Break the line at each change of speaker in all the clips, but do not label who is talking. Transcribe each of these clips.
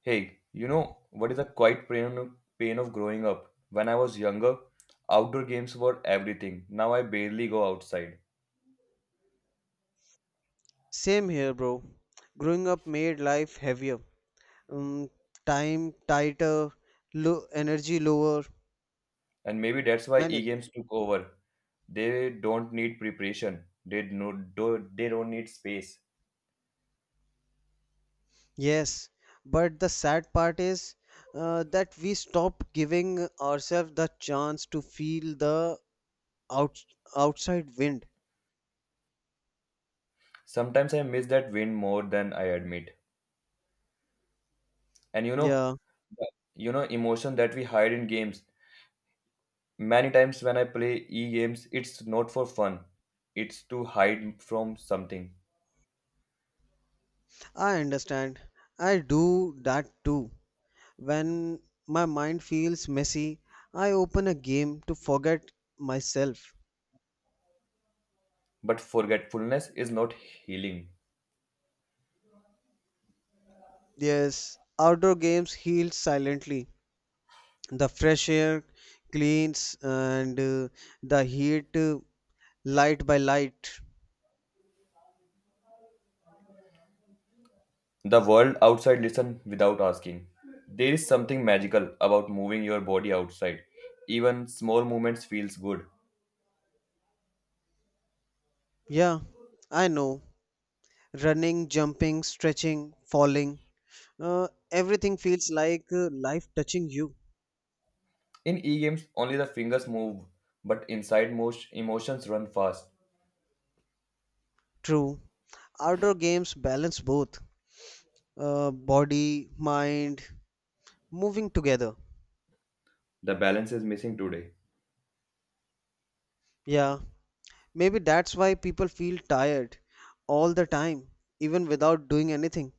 Hey, you know what is a quiet pain of growing up? When I was younger, outdoor games were everything. Now I barely go outside.
Same here, bro. Growing up made life heavier, um, time tighter, low energy lower,
And maybe that's why
many things.
e-games took over. They don't need preparation. They no, do, they don't need space.
Yes, but the sad part is that we stop giving ourselves the chance to feel the out outside wind.
Sometimes I miss that wind more than I admit. And you know,
Yeah,
you know emotion that we hide in games. Many times when I play e-games, it's not for fun. It's to hide from something.
I understand. I do that too. When my mind feels messy, I open a game to forget myself.
But forgetfulness is not healing.
Yes, outdoor games heal silently. The fresh air cleans and the heat light by light.
The world outside listen without asking. There is something magical about moving your body outside. Even small movements feels good.
Yeah, I know. Running, jumping, stretching, falling. Everything feels like life touching you.
In e-games, only the fingers move, but inside most emotions run fast.
True. Outdoor games balance both body, mind, moving together.
The balance is missing today.
Yeah, maybe that's why people feel tired all the time, even without doing anything.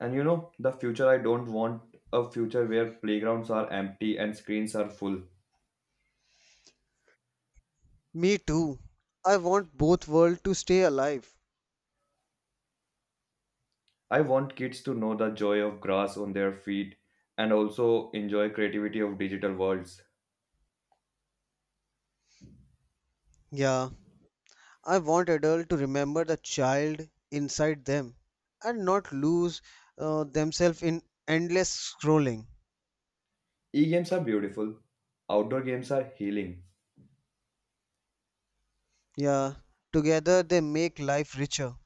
And you know, the future I don't want a future where playgrounds are empty and screens are full.
Me too. I want both worlds to stay alive.
I want kids to know the joy of grass on their feet and also enjoy creativity of digital worlds.
Yeah, I want adults to remember the child inside them and not lose themselves in endless scrolling.
E-games are beautiful. Outdoor games are healing.
Yeah, together they make life richer.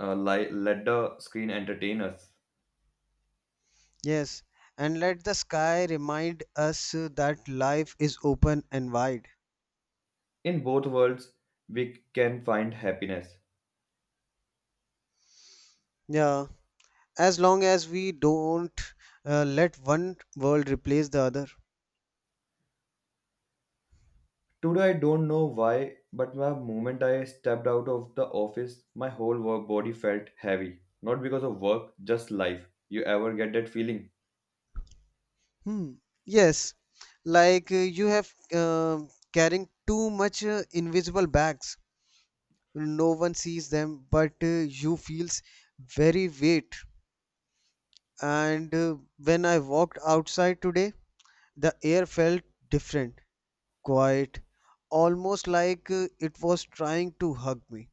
Let the screen entertain us.
Yes, and let the sky remind us that life is open and wide.
In both worlds, we can find happiness.
Yeah, as long as we don't let one world replace the other.
Today, I don't know why, but the moment I stepped out of the office, my whole work body felt heavy. Not because of work, just life. You ever get that feeling?
Hmm. Yes, like you have um carrying too much invisible bags. No one sees them, but you feels very weight. And when I walked outside today, the air felt different, quiet, almost like it was trying to hug me.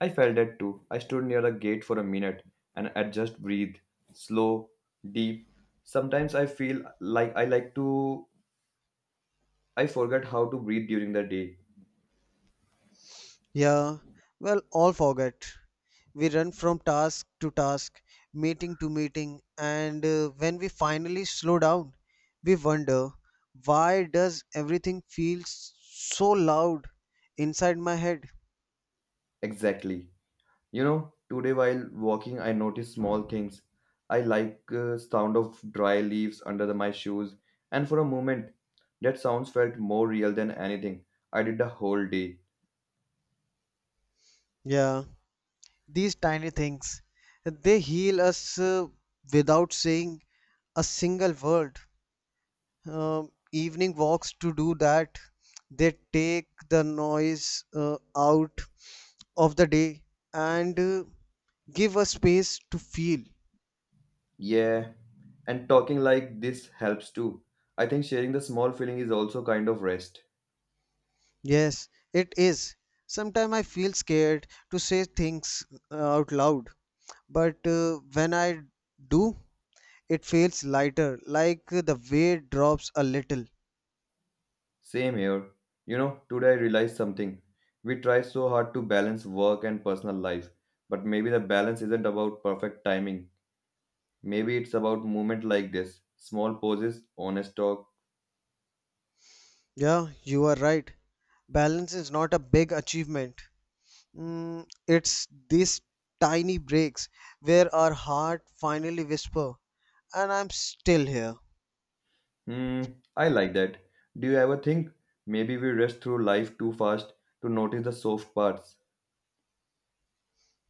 I felt that too. I stood near the gate for a minute and I just breathed. Slow, deep. Sometimes I feel like I like to. I forget how to breathe during the day.
Yeah, well, all forget. We run from task to task, meeting to meeting, and when we finally slow down, we wonder why does everything feel so loud inside my head?
Exactly. You know, today while walking, I noticed small things. I like sound of dry leaves under my shoes, and for a moment, that sounds felt more real than anything I did the whole day.
Yeah, these tiny things, they heal us without saying a single word. Evening walks to do that. They take the noise out of the day and give us space to feel.
Yeah, and talking like this helps too. I think sharing the small feeling is also kind of rest.
Yes, it is. Sometimes I feel scared to say things out loud, but when I do, it feels lighter, like the weight drops a little.
Same here. You know, today I realized something. We try so hard to balance work and personal life, but maybe the balance isn't about perfect timing. Maybe it's about movement like this. Small pauses, honest talk.
Yeah, you are right. Balance is not a big achievement, it's these tiny breaks where our heart finally whisper, and I'm still here.
Hmm, I like that. Do you ever think maybe we rush through life too fast to notice the soft parts?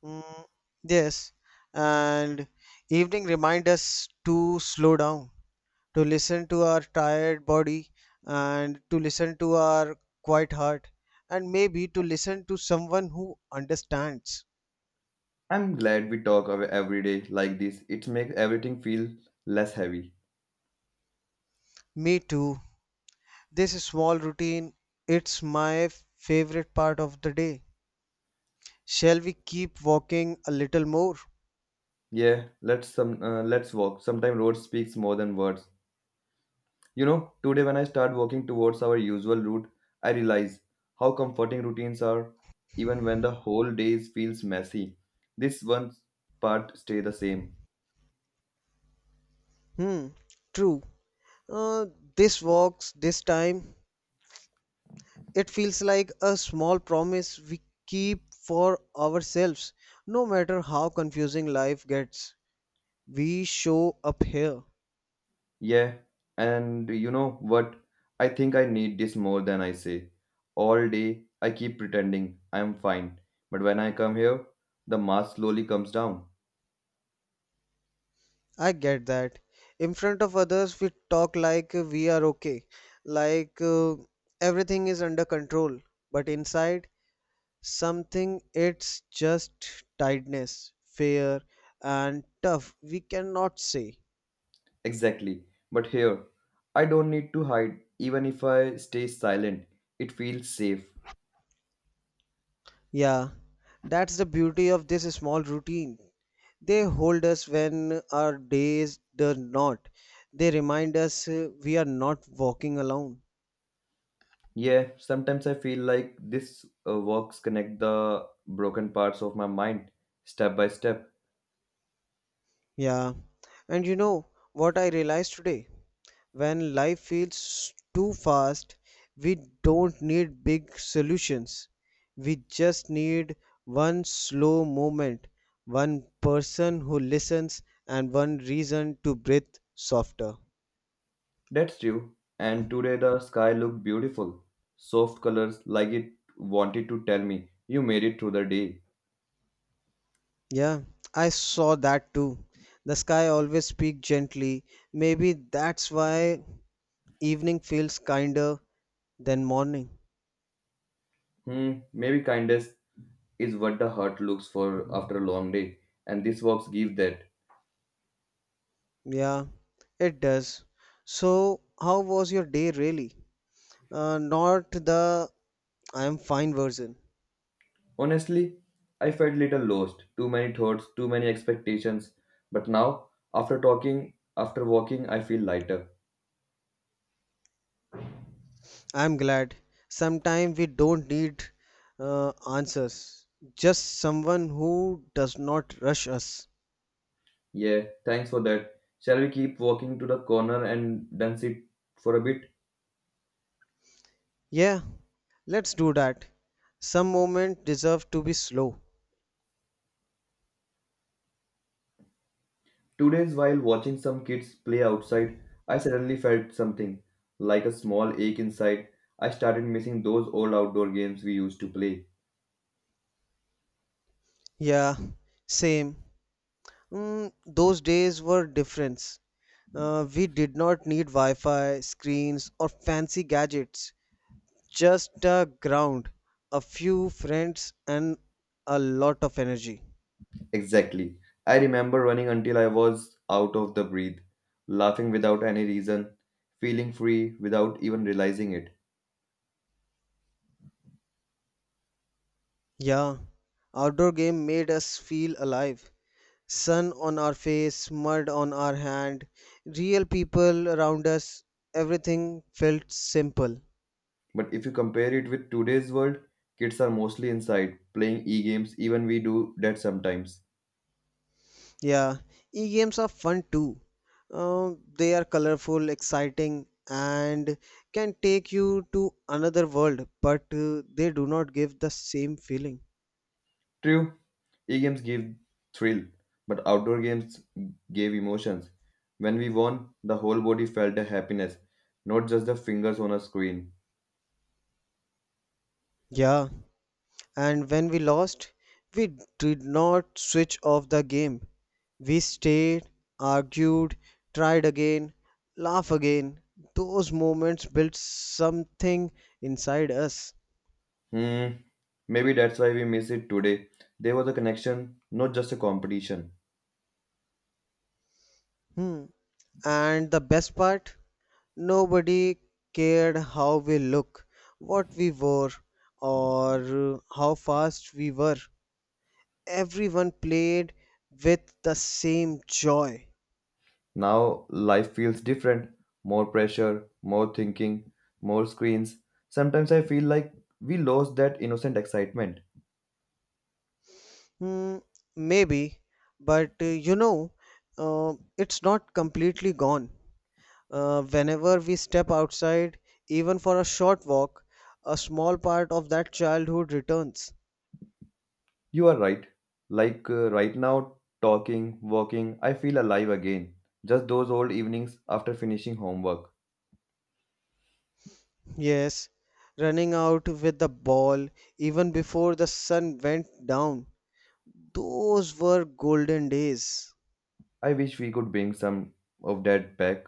Mm, yes, and evening remind us to slow down, to listen to our tired body, and to listen to our quiet heart, and maybe to listen to someone who understands.
I'm glad we talk every day like this. It makes everything feel less heavy.
Me too. This small routine, it's my favorite part of the day. Shall we keep walking a little more?
Yeah, let's walk. Sometimes road speaks more than words. You know, today when I start walking towards our usual route, I realize how comforting routines are even when the whole day feels messy. This one part stay the same.
Hmm, true. Uh, this walks this time. It feels like a small promise we keep for ourselves. No matter how confusing life gets, we show up here.
Yeah, and you know what? I think I need this more than I say. All day I keep pretending I'm fine, but when I come here, the mask slowly comes down.
I get that. In front of others, we talk like we are okay, like everything is under control. But inside, something it's just tiredness, fear, and tough. We cannot say.
Exactly. But here, I don't need to hide. Even if I stay silent, it feels safe.
Yeah, that's the beauty of this small routine. They hold us when our days do not. They remind us we are not walking alone.
Yeah, sometimes I feel like this works connect the broken parts of my mind step by step.
Yeah, and you know what I realized today? When life feels too fast, we don't need big solutions. We just need one slow moment, one person who listens, and one reason to breathe softer.
That's true. And today the sky looked beautiful. Soft colors like it wanted to tell me, you made it through the day.
Yeah, I saw that too. The sky always speaks gently. Maybe that's why evening feels kinder than morning.
Hmm, maybe kindness is what the heart looks for after a long day, and this walks give that.
Yeah, it does. So, how was your day really? Not the I'm fine version.
Honestly, I felt little lost, too many thoughts, too many expectations. But now, after talking, after walking, I feel lighter.
I'm glad. Sometimes we don't need answers, just someone who does not rush us.
Yeah, thanks for that. Shall we keep walking to the corner and dance it for a bit?
Yeah, let's do that. Some moments deserve to be slow.
Today's while watching some kids play outside, I suddenly felt something like a small ache inside. I started missing those old outdoor games we used to play.
Yeah, same. Those days were different. We did not need Wi-Fi, screens, or fancy gadgets. Just a ground, a few friends, and a lot of energy.
Exactly. I remember running until I was out of the breath, laughing without any reason, feeling free without even realizing it.
Yeah, outdoor game made us feel alive. Sun on our face, mud on our hand, real people around us. Everything felt simple.
But if you compare it with today's world, kids are mostly inside, playing e games, even we do that sometimes.
Yeah, e-games are fun too. They are colorful, exciting, and can take you to another world, but they do not give the same feeling.
True, e-games gave thrill, but outdoor games gave emotions. When we won, the whole body felt a happiness, not just the fingers on a screen.
Yeah, and when we lost, we did not switch off the game. We stayed, argued, tried again, laugh again. Those moments built something inside us.
Hmm, maybe that's why we miss it today. There was a connection, not just a competition.
Hmm. And the best part? Nobody cared how we look, what we wore, or how fast we were. Everyone played with the same joy.
Now life feels different. More pressure, more thinking, more screens. Sometimes I feel like we lost that innocent excitement.
Hmm, maybe, but it's not completely gone. Whenever we step outside, even for a short walk, a small part of that childhood returns.
You are right. Like right now, talking, walking, I feel alive again. Just those old evenings after finishing homework.
Yes, running out with the ball even before the sun went down. Those were golden days.
I wish we could bring some of that back.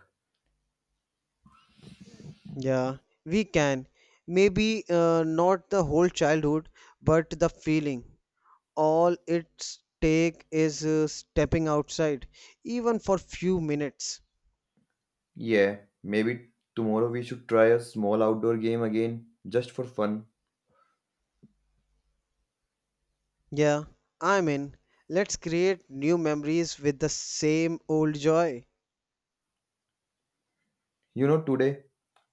Yeah, we can. Maybe not the whole childhood, but the feeling. All it's take is stepping outside, even for few minutes.
Yeah, maybe tomorrow we should try a small outdoor game again, just for fun.
Yeah, I'm in. Let's create new memories with the same old joy.
You know, today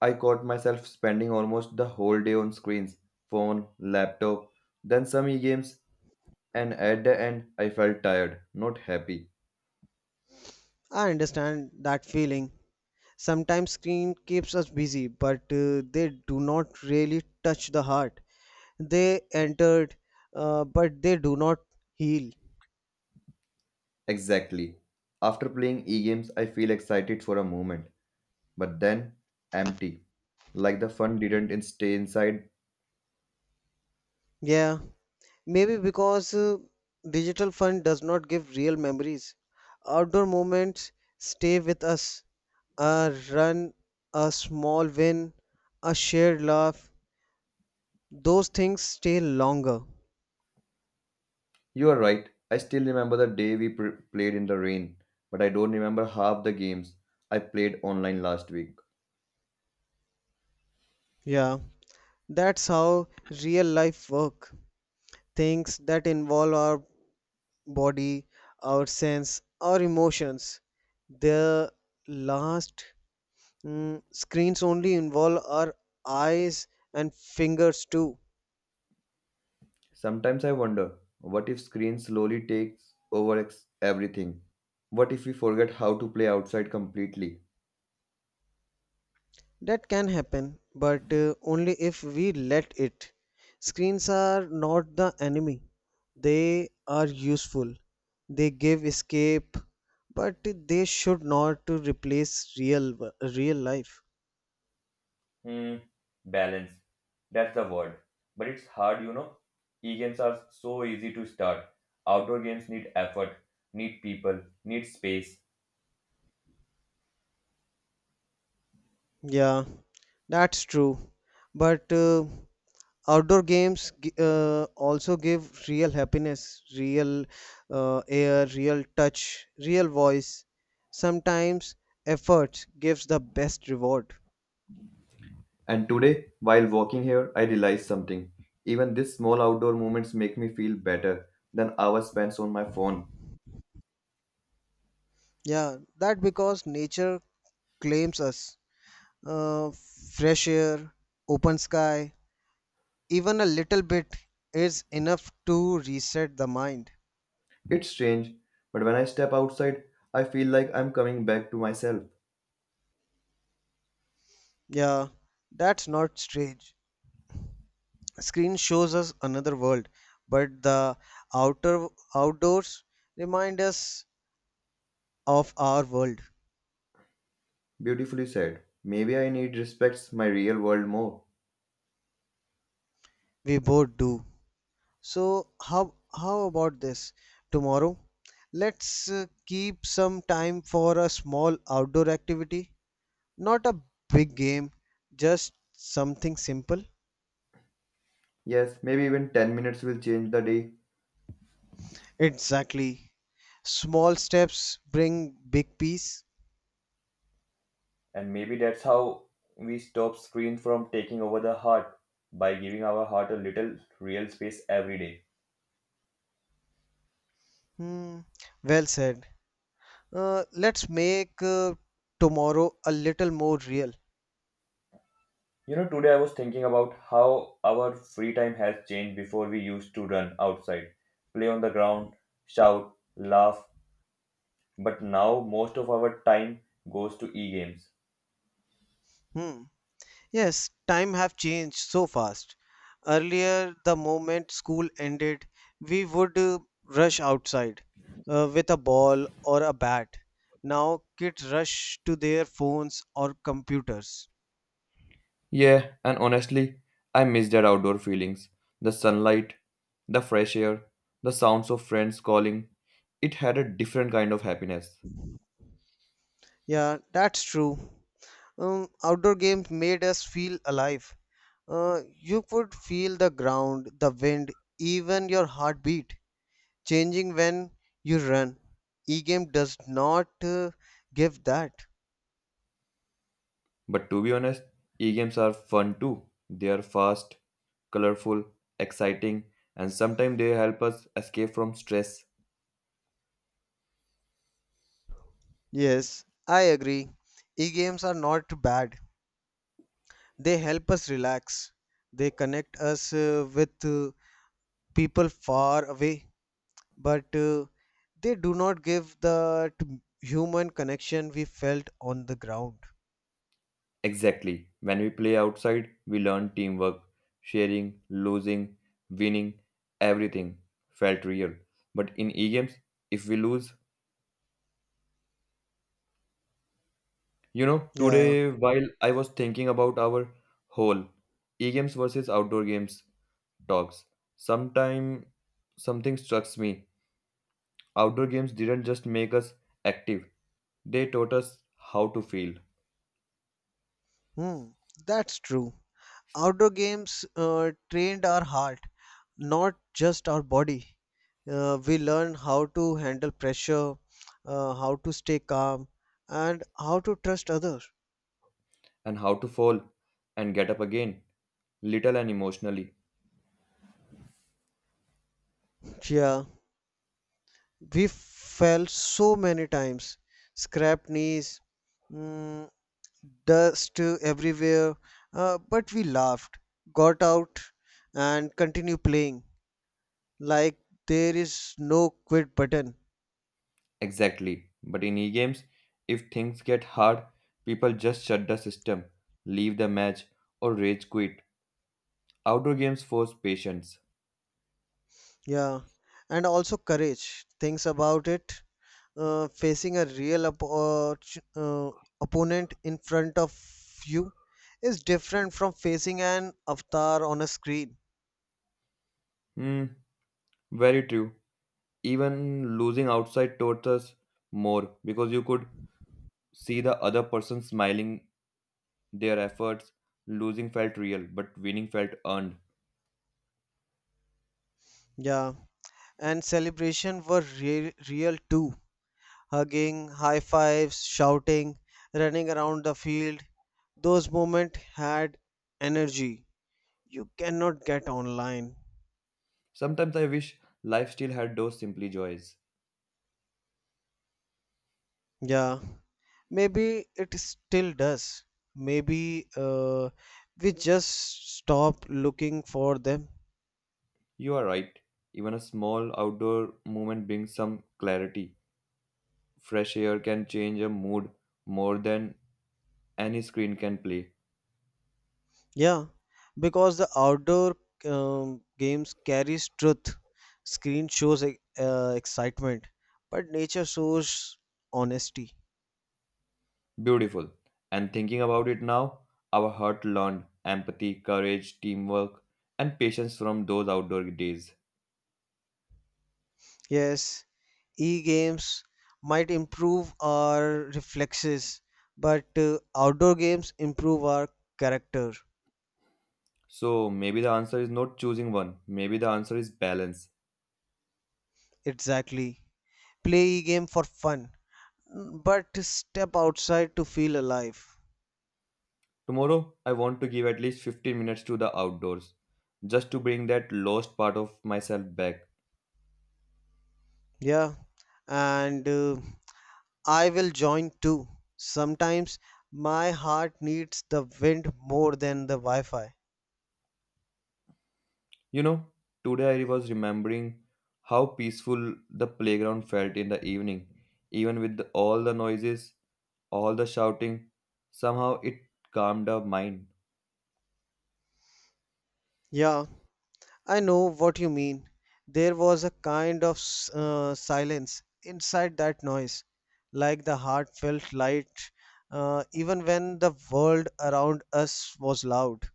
I caught myself spending almost the whole day on screens, phone, laptop, then some e games, and at the end I felt tired, not happy.
I understand that feeling. Sometimes screen keeps us busy, but they do not really touch the heart. They entered, but they do not heal.
Exactly. After playing e games, I feel excited for a moment, but then empty. Like the fun didn't in- stay inside.
Yeah, maybe because digital fun does not give real memories. Outdoor moments stay with us. A run, a small win, a shared laugh. Those things stay longer.
You are right. I still remember the day we played in the rain, but I don't remember half the games I played online last week.
Yeah, that's how real life work. Things that involve our body, our sense, our emotions. They last. Screens only involve our eyes and fingers too.
Sometimes I wonder what if screen slowly takes over everything? What if we forget how to play outside completely?
That can happen, but only if we let it. Screens are not the enemy, they are useful. They give escape, but they should not to replace real life.
Hmm, balance. That's the word. But it's hard, you know. E-games are so easy to start. Outdoor games need effort, need people, need space.
Yeah, that's true. But outdoor games also give real happiness, real air, real touch, real voice. Sometimes effort gives the best reward.
And today, while walking here, I realized something. Even these small outdoor moments make me feel better than hours spent on my phone.
Yeah, that because nature claims us. Uh, fresh air, open sky, even a little bit is enough to reset the mind.
It's strange, but when I step outside, I feel like I'm coming back to myself.
Yeah, that's not strange. Screen shows us another world, but the outer outdoors remind us of our world.
Beautifully said. Maybe I need respects my real world more.
We both do. So how about this tomorrow? Let's keep some time for a small outdoor activity, not a big game, just something simple.
Yes, maybe even 10 minutes will change the day.
Exactly. Small steps bring big peace.
And maybe that's how we stop screen from taking over the heart by giving our heart a little real space every day.
Hmm, well said. Let's make tomorrow a little more real.
You know, today I was thinking about how our free time has changed before we used to run outside, play on the ground, shout, laugh, but now most of our time goes to e games.
Hmm. Yes, time have changed so fast. Earlier, the moment school ended, we would rush outside with a ball or a bat. Now kids rush to their phones or computers.
Yeah, and honestly, I miss that outdoor feelings. The sunlight, the fresh air, the sounds of friends calling. It had a different kind of happiness.
Yeah, that's true. Outdoor games made us feel alive. You could feel the ground, the wind, even your heartbeat changing when you run. E-game does not give that.
But to be honest, e games are fun too. They are fast, colorful, exciting, and sometimes they help us escape from stress.
Yes, I agree. E-games are not bad. They help us relax. They connect us with people far away, but they do not give that human connection we felt on the ground.
Exactly. When we play outside, we learn teamwork, sharing, losing, winning, everything felt real. But in e games, if we lose, you know,
Yeah,
today while I was thinking about our whole e games versus outdoor games talks, sometime something struck me. Outdoor games didn't just make us active, they taught us how to feel
hmm, that's true. Outdoor games trained our heart, not just our body. We learn how to handle pressure, how to stay calm, and how to trust others.
and how to fall and get up again, little and emotionally.
Yeah, we fell so many times, scrapped knees, mm, dust everywhere, but we laughed, got out, and continue playing like there is no quit button.
Exactly. But in e games, if things get hard, people just shut the system, leave the match, or rage quit. Outdoor games force patience.
Yeah, and also courage. Thinks about it. Facing a real uh, uh, opponent in front of you is different from facing an avatar on a screen.
Hmm, very true. Even losing outside taught us more because you could see the other person smiling their efforts. Losing felt real, but winning felt earned.
Yeah, and celebration were real too. Hugging, high fives, shouting, running around the field. Those moments had energy. You cannot get online.
Sometimes I wish life still had those simply joys.
Yeah. Maybe it still does. Maybe we just stopped looking for them.
You are right. Even a small outdoor movement brings some clarity. Fresh air can change a mood more than any screen can play.
Yeah, because the outdoor games carries truth. Screen shows excitement, but nature shows honesty.
Beautiful. And thinking about it now, our heart learned empathy, courage, teamwork, and patience from those outdoor days.
Yes, e-games might improve our reflexes, but outdoor games improve our character.
So maybe the answer is not choosing one, maybe the answer is balance.
Exactly. Play e-game for fun but step outside to feel alive.
Tomorrow, I want to give at least 15 minutes to the outdoors, just to bring that lost part of myself back.
Yeah, and I will join too. Sometimes my heart needs the wind more than the Wi Fi.
You know, today I was remembering how peaceful the playground felt in the evening, even with all the noises, all the shouting. Somehow it calmed our mind.
Yeah, I know what you mean. There was a kind of silence inside that noise, like the heart felt light, even when the world around us was loud.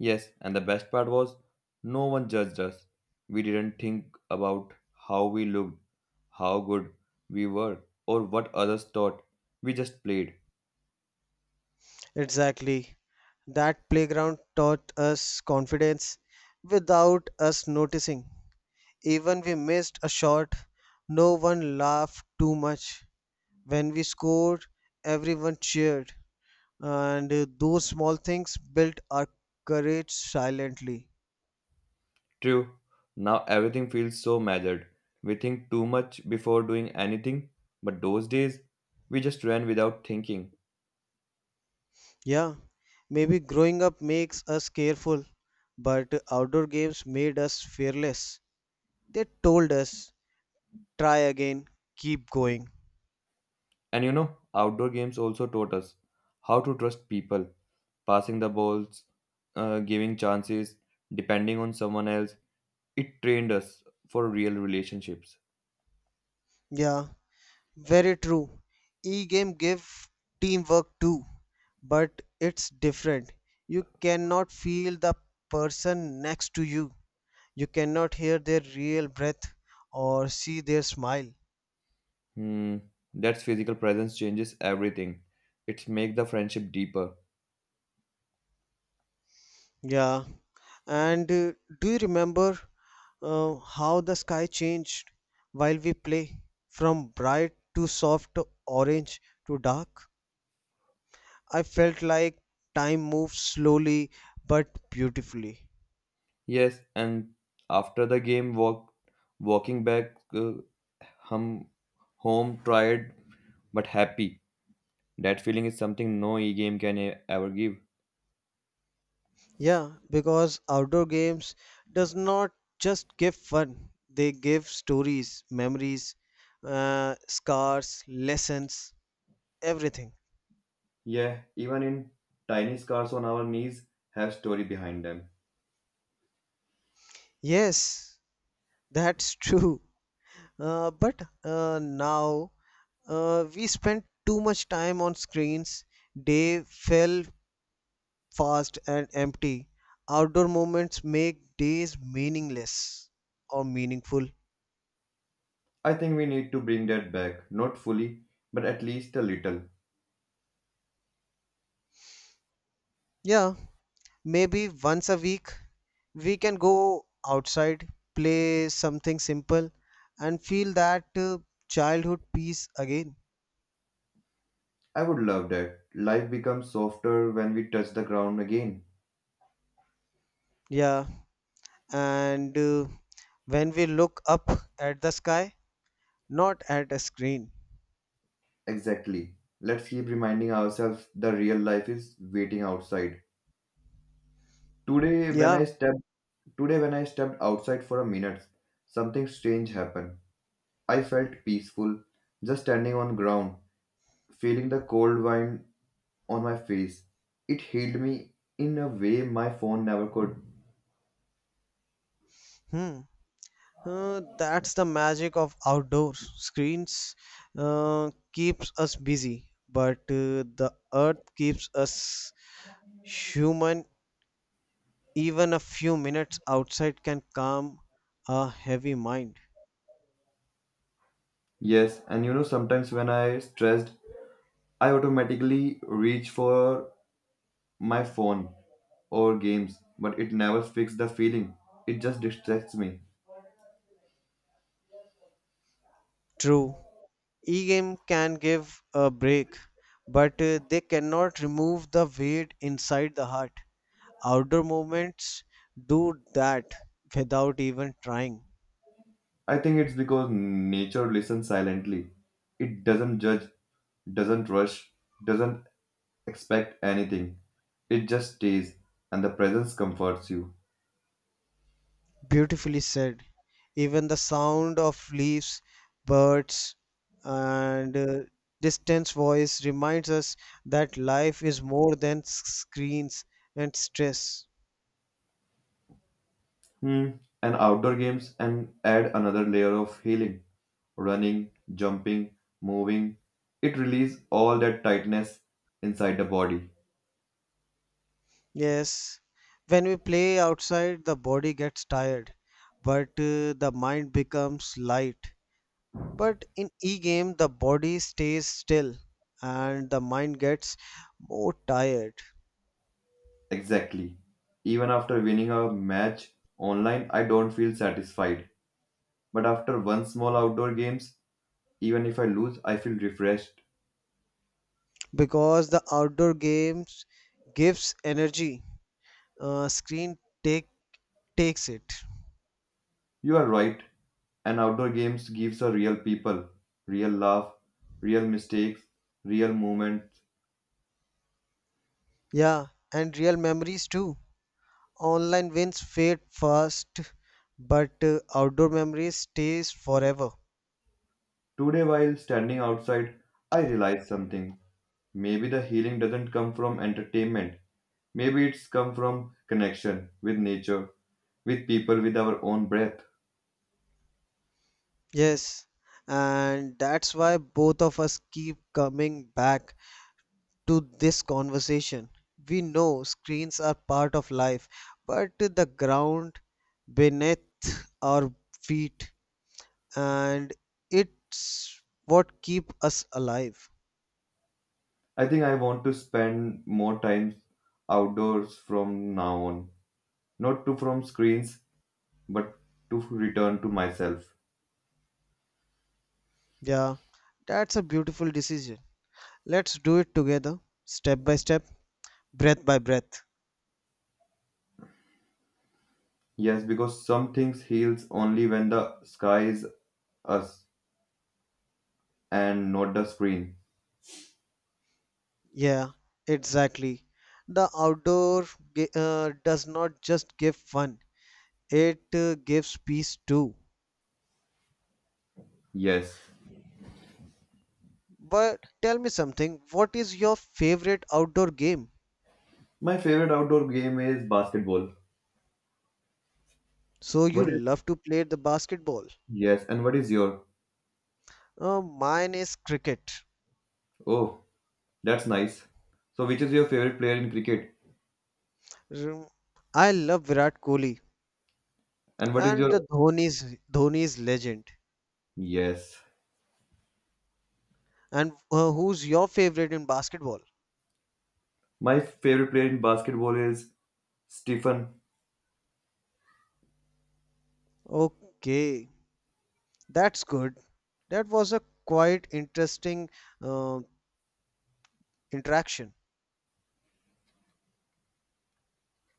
Yes, and the best part was no one judged us. We didn't think about how we looked, how good we were, or what others thought. We just played.
Exactly. That playground taught us confidence without us noticing. Even we missed a shot, no one laughed too much. When we scored, everyone cheered. And those small things built our courage silently.
True. Now everything feels so measured. We think too much before doing anything, but those days we just ran without thinking.
Yeah, maybe growing up makes us careful, but outdoor games made us fearless. They told us, try again, keep going.
And you know, outdoor games also taught us how to trust people, passing the balls, giving chances, depending on someone else. It trained us for real relationships.
Yeah, very true. E-game give teamwork too, but it's different. You cannot feel the person next to you. You cannot hear their real breath or see their smile.
Hmm, that's physical presence changes everything. It's make the friendship deeper.
Yeah. And do you remember how the sky changed while we play from bright to soft orange to dark? I felt like time moved slowly but beautifully.
Yes, and after the game, walking back hum, home, tired but happy. That feeling is something no e-game can ever give.
Yeah, because outdoor games does not just give fun, they give stories, memories, scars, lessons, everything.
Yeah, even in tiny scars on our knees have story behind them.
Yes, that's true. But now, we spend too much time on screens. Day fell fast and empty. Outdoor moments make days meaningless or meaningful.
I think we need to bring that back, not fully, but at least a little.
Yeah, maybe once a week we can go outside, play something simple, and feel that childhood peace again.
I would love that. Life becomes softer when we touch the ground again.
Yeah, and when we look up at the sky, not at a screen.
Exactly. Let's keep reminding ourselves the real life is waiting outside. Today when I
Yeah,
stepped Today when I stepped outside for a minute, something strange happened. I felt peaceful, just standing on ground, feeling the cold wind on my face. It healed me in a way my phone never could.
hmm. That's the magic of outdoors. Screens keeps us busy, but the earth keeps us human. Even a few minutes outside can calm a heavy mind.
Yes, and you know sometimes when I stressed, I automatically reach for my phone or games, but it never fixes the feeling. It just distracts me.
True. E-game can give a break, but they cannot remove the weight inside the heart. Outdoor movements do that without even trying.
I think it's because nature listens silently. It doesn't judge, doesn't rush, doesn't expect anything. It just stays, and the presence comforts you.
Beautifully said. Even the sound of leaves, birds, and distant voice reminds us that life is more than screens and stress.
Hmm. And outdoor games and add another layer of healing. Running, jumping, moving. It releases all that tightness inside the body.
Yes, when we play outside, the body gets tired, but the mind becomes light. But in e-game, the body stays still and the mind gets more tired
Exactly. Even after winning a match online, I don't feel satisfied. But after one small outdoor games, even if I lose, I feel refreshed.
because the outdoor games gives energy. Screen take takes it.
You are right, and outdoor games gives a real people, real laugh, real mistakes, real moments.
Yeah, and real memories too. Online wins fade fast, but outdoor memories stays forever.
Today while standing outside, I realized something. Maybe the healing doesn't come from entertainment. Maybe it's come from connection with nature, with people, with our own breath.
Yes, and that's why both of us keep coming back to this conversation. We know screens are part of life, but the ground beneath our feet and it's what keep us alive.
I think I want to spend more time outdoors from now on. Not to from screens, but to return to myself.
Yeah, that's a beautiful decision. Let's do it together, step by step, breath by breath.
Yes, because some things heals only when the sky is us and not the screen.
Yeah, exactly. The outdoor does not just give fun, it gives peace too.
Yes.
But tell me something, what is your favorite outdoor game?
My favorite outdoor game is basketball.
So you
What is
love to play the basketball.
yes, and what is your?
Mine is cricket.
Oh, that's nice. So which is your favorite player in cricket?
Mm, I love Virat Kohli
And what is
and
your
the Dhoni's legend.
yes?
And who's your favorite in basketball?
My favorite player in basketball is Stephen
Okay, that's good. That was a quite interesting uh, interaction.